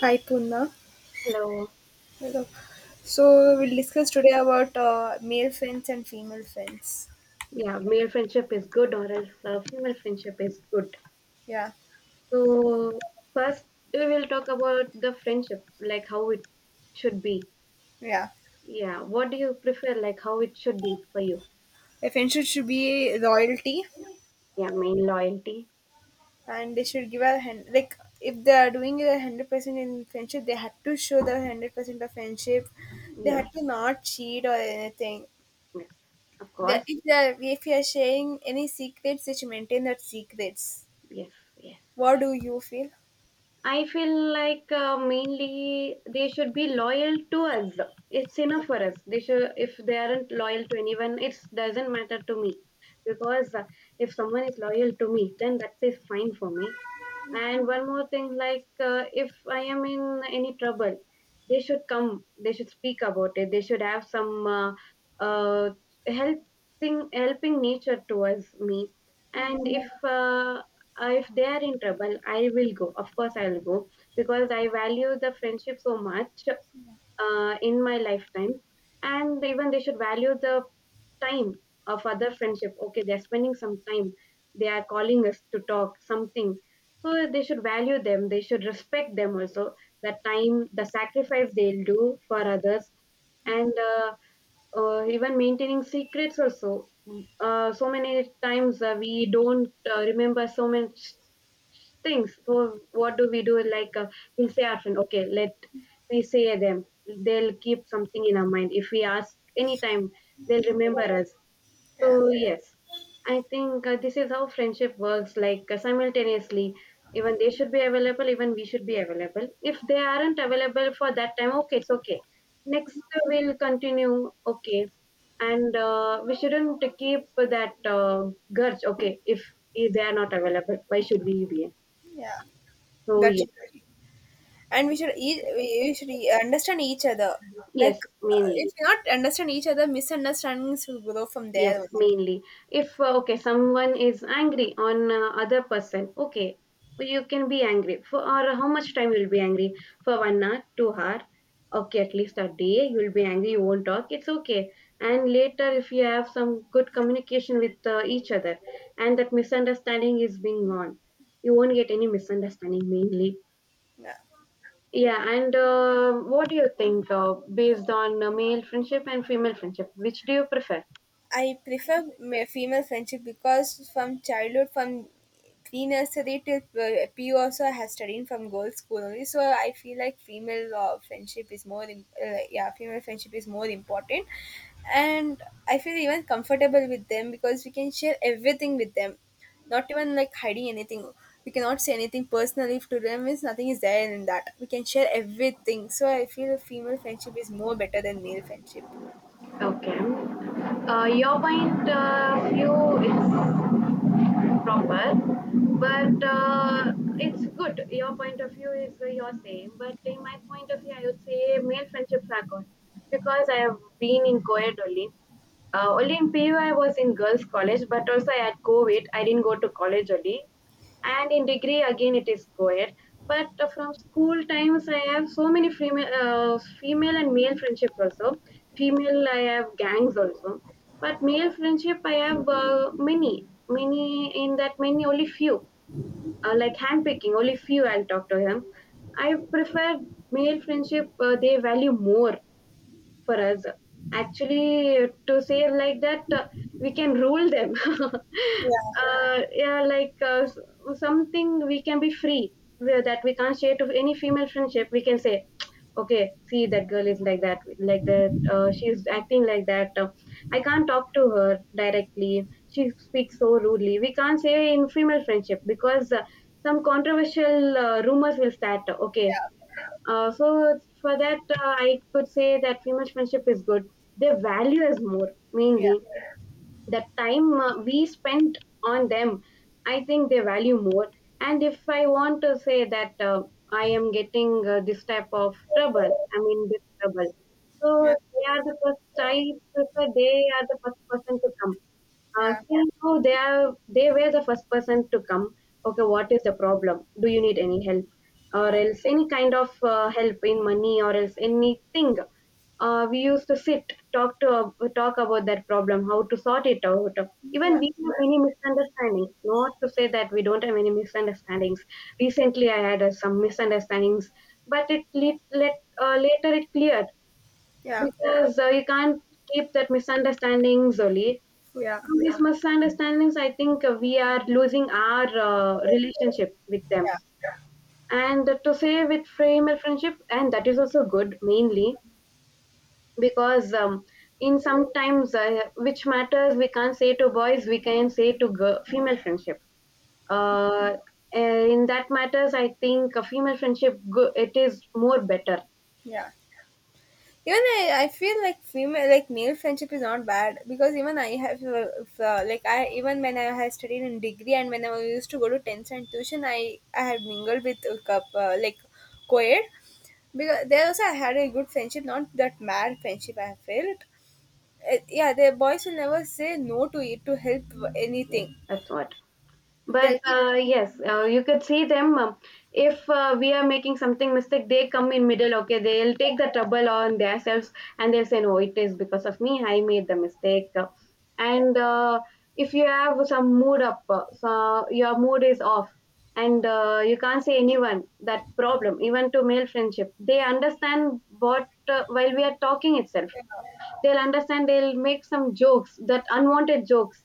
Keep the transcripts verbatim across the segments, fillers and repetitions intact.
Hi Puna. Hello. Hello. So we'll discuss today about uh, male friends and female friends. Yeah, male friendship is good, or else uh, female friendship is good. Yeah, So first, we will talk about the friendship, like how it should be. yeah. Yeah, what do you prefer, like how it should be for you? A friendship should be loyalty, Yeah, main loyalty. and they should give a hand. Like if they are doing a hundred percent in friendship, they had to show the hundred percent of friendship. They Yes, had to not cheat or anything. yes, of The, course. if they are, if you are sharing any secrets, they should maintain that secrets. Yes, yes. What do you feel? I feel like uh, mainly they should be loyal to us. It's Yeah, enough for us. They should, if they aren't loyal to anyone, it doesn't matter to me. Because uh, if someone is loyal to me, then that's is fine for me. And one more thing, like uh, if I am in any trouble, they should come, they should speak about it, they should have some uh, uh, helping helping nature towards me. yeah, And, yeah, if uh, if they are in trouble, I will go. Of course, I will go because I value the friendship so much uh, in my lifetime, and even they should value the time of other friendship. Okay, they're spending some time, they are calling us to talk something, so they should value them, they should respect them also, the time, the sacrifice they'll do for others. And uh, uh, even maintaining secrets also. Mm, uh, so many times uh, we don't uh, remember so much things. So what do we do, like uh, we'll say our friend, okay, let me say them. They'll keep something in our mind, if we ask anytime they'll remember us. yeah, So yes, I think uh, this is how friendship works, like uh, simultaneously, even they should be available, even we should be available. If they aren't available for that time, okay, it's okay. Next, uh, we'll continue, okay. And uh, we shouldn't keep that uh, grudge, okay. if, if they are not available, why should we be? yeah. So That's yes, And we should each we we should e- understand each other. Like yes, uh, if mainly. you not understand each other, misunderstandings will grow from there. Yes, only. mainly. If uh, okay, someone is angry on uh, other person, okay, you can be angry for or how much time you'll be angry for one hour, two hour, okay, at least a day you'll be angry. You won't talk. It's okay. And later, if you have some good communication with uh, each other, and that misunderstanding is being gone, you won't get any misunderstanding mainly. Yeah. Yeah, and uh, what do you think uh, based on uh, male friendship and female friendship? Which do you prefer? I prefer ma- female friendship because from childhood, from pre-nursery till uh, P U also, I have studied from girls' school only. So I feel like female uh, friendship is more, im- uh, yeah, female friendship is more important, and I feel even comfortable with them because we can share everything with them, not even like hiding anything. We cannot say anything personally to them. Means nothing is there in that. We can share everything. So I feel female friendship is more better than male friendship. Okay. Uh, your point of view is proper, but uh, it's good. Your point of view is uh, your same, but in my point of view, I would say male friendships are good because I have been in co-ed only. Uh, only in P U I was in girls' college, but also I had COVID. I didn't go to college only. And in degree again it is co-ed. But uh, from school times I have so many female, uh, female and male friendships also. Female I have gangs also, but male friendship I have uh, many, many in that many only few. Uh, like handpicking, only few I'll talk to him. I prefer male friendship. Uh, they value more for us. Actually, to say like that, uh, we can rule them. uh, Yeah, yeah, like uh, s- something we can be free where that we can't share to any female friendship. We can say, okay, see that girl is like that, like that. Uh, she's acting like that. Uh, I can't talk to her directly. She speaks so rudely. We can't say in female friendship because uh, some controversial uh, rumors will start. Okay, yeah, uh, so for that, uh, I could say that female friendship is good. Their value is more yeah. mainly the time uh, we spent on them. I think they value more. And if I want to say that uh, I am getting uh, this type of trouble, I mean this trouble. So Yeah. they are the first. I prefer they are the first person to come, uh, Yeah, still now they are they were the first person to come. Okay, what is the problem, do you need any help or else any kind of uh, help in money or else anything. Uh, we used to sit talk to talk about that problem, how to sort it out. Even yeah, we have many misunderstandings, not to say that we don't have any misunderstandings. Recently I had uh, some misunderstandings, but it let, let uh, later it cleared, yeah, because uh, you can't keep that misunderstandings only. yeah, Through these misunderstandings, I think uh, we are losing our uh, relationship with them. yeah, And to say with female friendship, and that is also good mainly because um, in sometimes uh, which matters we can't say to boys, we can say to girl, female friendships. Uh, in that matters, I think a female friendship go- it is more better. yeah. Even I, I feel like female, like male friendship is not bad because even I have, uh, f- uh, like I even when I had studied in degree and when I used to go to tenth and tuition, I I had mingled with a cup uh, like co-ed because there also I had a good friendship, not that mad friendship I felt. Uh, yeah, the boys will never say no to it to help Yes, anything. that's what. But They'll be uh, yes, uh, you could see them. Um, if uh, we are making something mistake, they come in middle. Okay, they'll take the trouble on themselves, and they'll say, "No, it is because of me. I made the mistake." Uh, yeah, And uh, if you have some mood up, uh, so your mood is off, and uh, you can't say anyone that problem. Even to male friendship, they understand what uh, while we are talking itself yeah, they'll understand, they'll make some jokes, that unwanted jokes,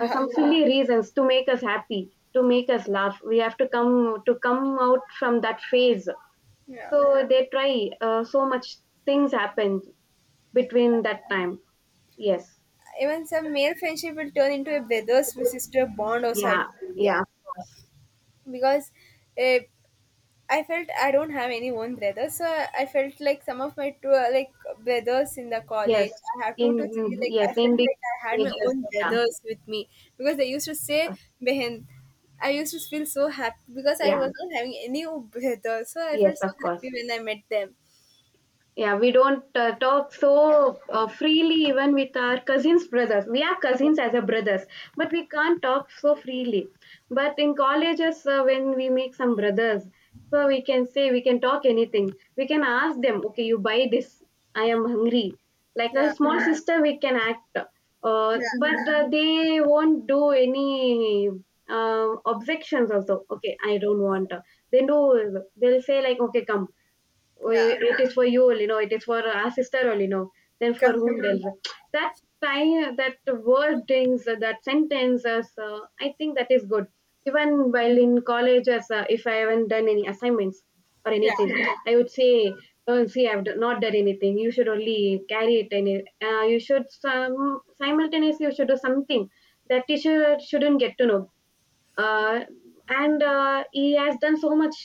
uh, some silly reasons to make us happy, to make us laugh, we have to come to come out from that phase. yeah. So they try uh, so much things happened between that time, yes. Even some male friendship will turn into a brother sister bond also, I Yeah, feel. yeah, Yeah, of course. because uh, I felt I don't have any one brother. So I felt like some of my two uh, like brothers in the Yes, college, I have two in, to three. Like, I yes in felt the like I had my ages, own yeah. brothers with me because they used to say behind. I used to feel so happy because I Yeah, was not having any brother, so I felt yes, so of course. happy when I met them. Yeah, we don't uh, talk so uh, freely even with our cousins brothers. We are cousins as a brothers, but we can't talk so freely. But in colleges, uh, when we make some brothers, so we can say we can talk anything. We can ask them, okay, you buy this. I am hungry. Like a Yeah, small, yeah, sister, we can act. Uh, yeah, But uh, they won't do any uh, objections also. Okay, I don't want. They do. They'll say like, okay, come, oh, yeah, it is for you only, no, it is for our sister only, no, then for come, whom else? That time, that wordings, that sentences, uh, I think that is good. Even while in college, as uh, if I haven't done any assignments or yeah, anything, I would say, oh see, i've d- not done anything, you should only carry it, and uh, you should some simultaneously you should do something that teacher shouldn't get to know. uh, and uh, he has done so much.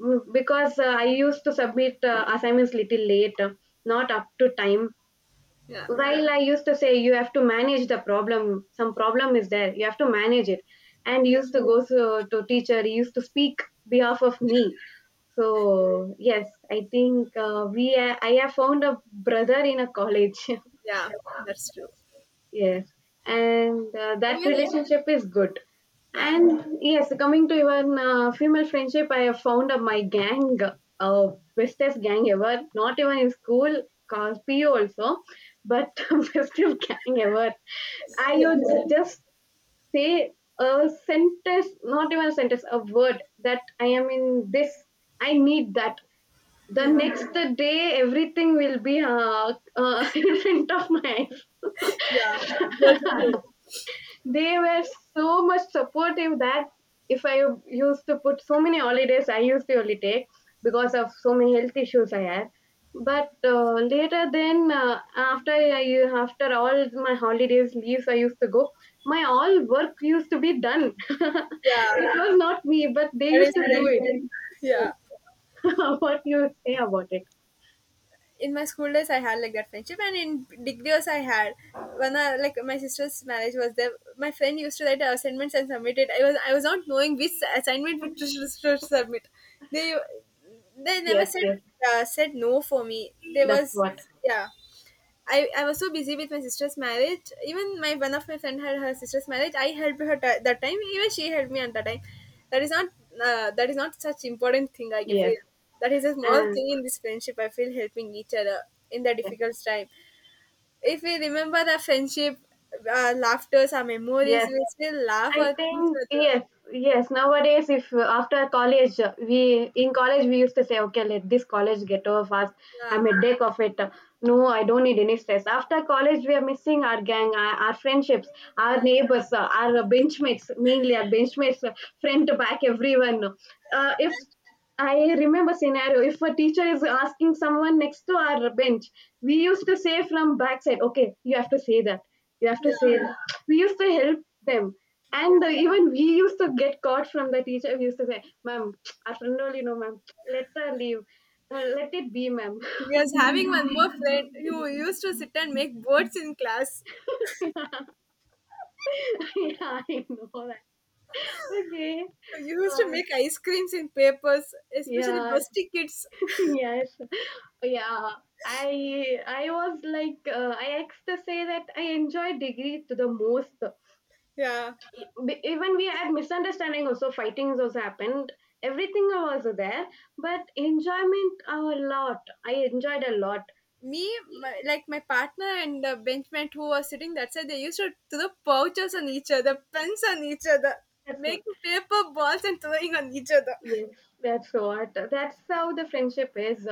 Mm, because uh, I used to submit uh, assignments little late, uh, not up to time. yeah, While I used to say you have to manage the problem, some problem is there, you have to manage it, and yeah, used to go to, to teacher, he used to speak behalf of me. So yes, I think uh, we uh, I have found a brother in a college. yeah, that's true. Yes, and uh, that Even, relationship is good. yeah. And yes, coming to even uh, female friendship, I have found uh, my gang, uh, bestest gang ever. Not even in school, cause P U also, but bestest gang ever. I Yeah. would just say a sentence, not even a sentence, a word that I am in this, I need that. The Yeah. next day, everything will be uh, uh, in front of my. Yeah. That's true. They were so much supportive that if I used to put so many holidays, I used to only take because of so many health issues I had. But uh, later, then uh, after I after all my holidays leaves, I used to go. My all work used to be done. Yeah. It was not me, but they That used is to do friendship. it. Yeah. What you say about it? In my school days, I had like that friendship, and in degrees, I had when I, like my sister's marriage was there. My friend used to write assignments and submit it. I was I was not knowing which assignment which to, to submit. They they never Yes, said yes, uh, said no for me. There that's was what. yeah. I, I was so busy with my sister's marriage. Even my one of my friend had her sister's marriage. I helped her t- that time. Even she helped me at that time. That is not uh, that is not such important thing, I feel. Yes, That is a small and thing in this friendship. I feel helping each other in the difficult time. If we remember the friendship, uh, laughters, our memories, yes, we still laugh I at each think other. yes, yes. Nowadays, if uh, after college, uh, we in college we used to say, okay, let this college get over fast. Yeah, I'm a deck of it. No, I don't need any stress. After college, we are missing our gang, our, our friendships, our yeah, neighbors, uh, our benchmates, mainly our benchmates, uh, friend to back everyone. Uh, if I remember scenario, if a teacher is asking someone next to our bench, we used to say from backside, okay, you have to say that. You have to yeah, say that. We used to help them, yeah. and uh, even we used to get caught from the teacher. We used to say, "Ma'am, our friend only know, ma'am. Let her leave. Uh, let it be, ma'am." We was having one more friend who used to sit and make boards in class. Yeah, I know that. Okay. We used to Uh, make ice creams in papers, especially yeah. busty kids. Yes. Yeah. I I was like uh, I asked to say that I enjoy degree to the most. Yeah. B- Even we had misunderstanding also, fightings also happened. Everything was there, but enjoyment a lot. I enjoyed a lot. Me, my, like my partner and the benchmate who was sitting that side, they used to throw pouches on each other, pens on each other, That's all. making paper balls and throwing on each other. Yes, that's what. That's how the friendship is.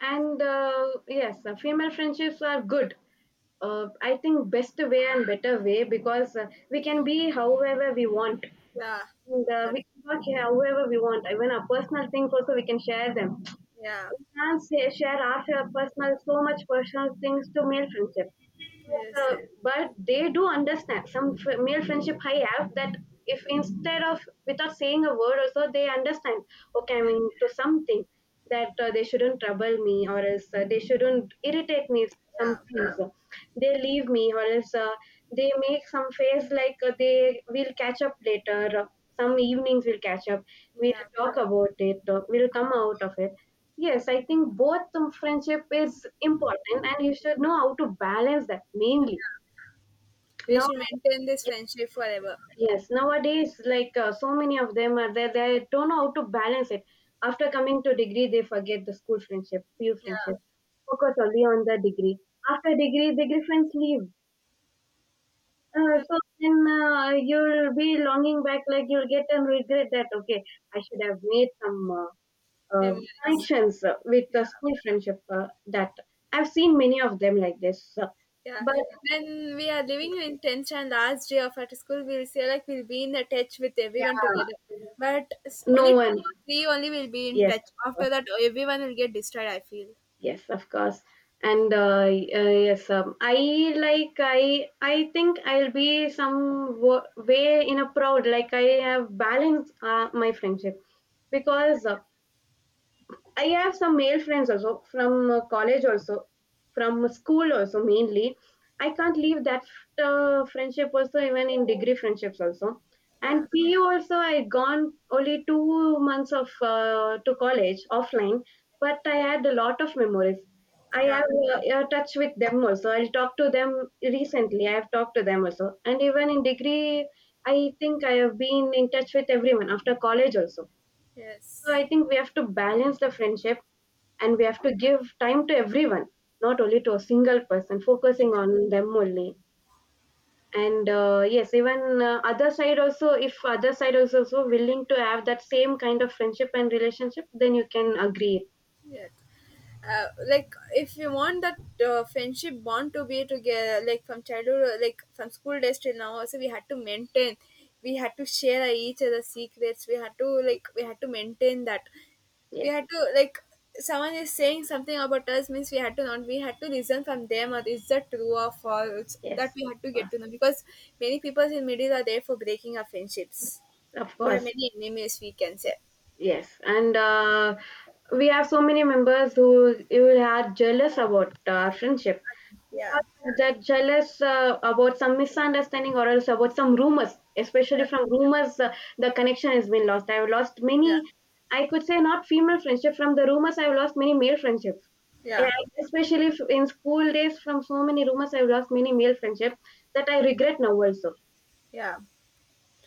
And uh, yes, uh, female friendships are good. Uh, I think best way and better way because uh, we can be however we want. Yeah. And, uh, That, we can talk however we want. Even our personal things also we can share them, yeah. we can say, share our share personal, so much personal things to male friendship. But, Yes. uh, but they do understand some f- male friendship I have, that if instead of without saying a word or so, they understand, okay, I mean, to something that uh, they shouldn't trouble me or else uh, they shouldn't irritate me Yeah. sometimes. Yeah. They leave me or else uh, they make some face like uh, they will catch up later. Some evenings we'll catch up, we'll Yeah. talk about it, uh, we'll come out of it. Yes, I think both the friendship is important and you should know how to balance that mainly. We Now, should maintain this friendship forever. yes, nowadays, like uh, so many of them are there, they don't know how to balance it. After coming to degree, they forget the school friendship, peer Yeah. friendship, focus only on the degree. After degree, degree friends leave. Uh, Yeah. So then uh, you'll be longing back, like you'll get and regret that, okay, I should have made some uh, uh, Memories. connections uh, with the school friendship, uh, that I've seen many of them like this. uh, Yeah. But When we are living in tenth and last day of our school, we'll say like we'll be in a touch with everyone together. yeah, But s- no only two one. or three only will be in Yes, touch. of After course. that, everyone will get destroyed, I feel. Yes, of course. And uh, y- uh, yes, um, I like I I think I'll be some wo- way in a proud, like I have balanced uh, my friendship because uh, I have some male friends also from uh, college also, from school also mainly. I can't leave that uh, friendship also, even in degree friendships also. Yeah. And P U also I gone only two months of uh, to college offline, but I had a lot of memories. I Yeah. have uh, uh, touch with them also. I'll talk to them recently. I have talked to them also, and even in degree, I think I have been in touch with everyone after college also. So Yes. I think we have to balance the friendship and we Yeah. have to give time to everyone, not only to a single person, focusing on them only. And uh, yes, even uh, other side also, if other side is also willing to have that same kind of friendship and relationship, then you can agree. Yeah. Uh, like, if you want that uh, friendship bond to be together, like from childhood, uh, like from school days till now also, we had to maintain we had to share each other secrets, we had to like we had to maintain that, we Yes, had to like someone is saying something about us means we had to not we had to listen from them or is that true or false, that yes, we of had to get course, to know, because many people in middle are there for breaking our friendships. of We have course, many enemies, we can say. yes. And uh, we have so many members who who are jealous about our friendship Yeah, because they're jealous uh, about some misunderstanding or else about some rumors, especially from rumors. Uh, the connection has been lost, I've lost many. yeah, I could say not female friendship. From the rumors I've lost many male friendships. And yeah, I- especially f- in school days, from so many rumors I've lost many male friendship, that I regret now also. yeah.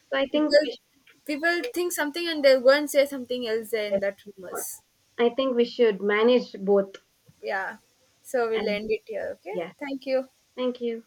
So I think people we should, people think something and they'll go and say something else there in yes, that rumors. I think we should manage both. Yeah. So we'll And end it here, okay. yes, Thank you. thank you.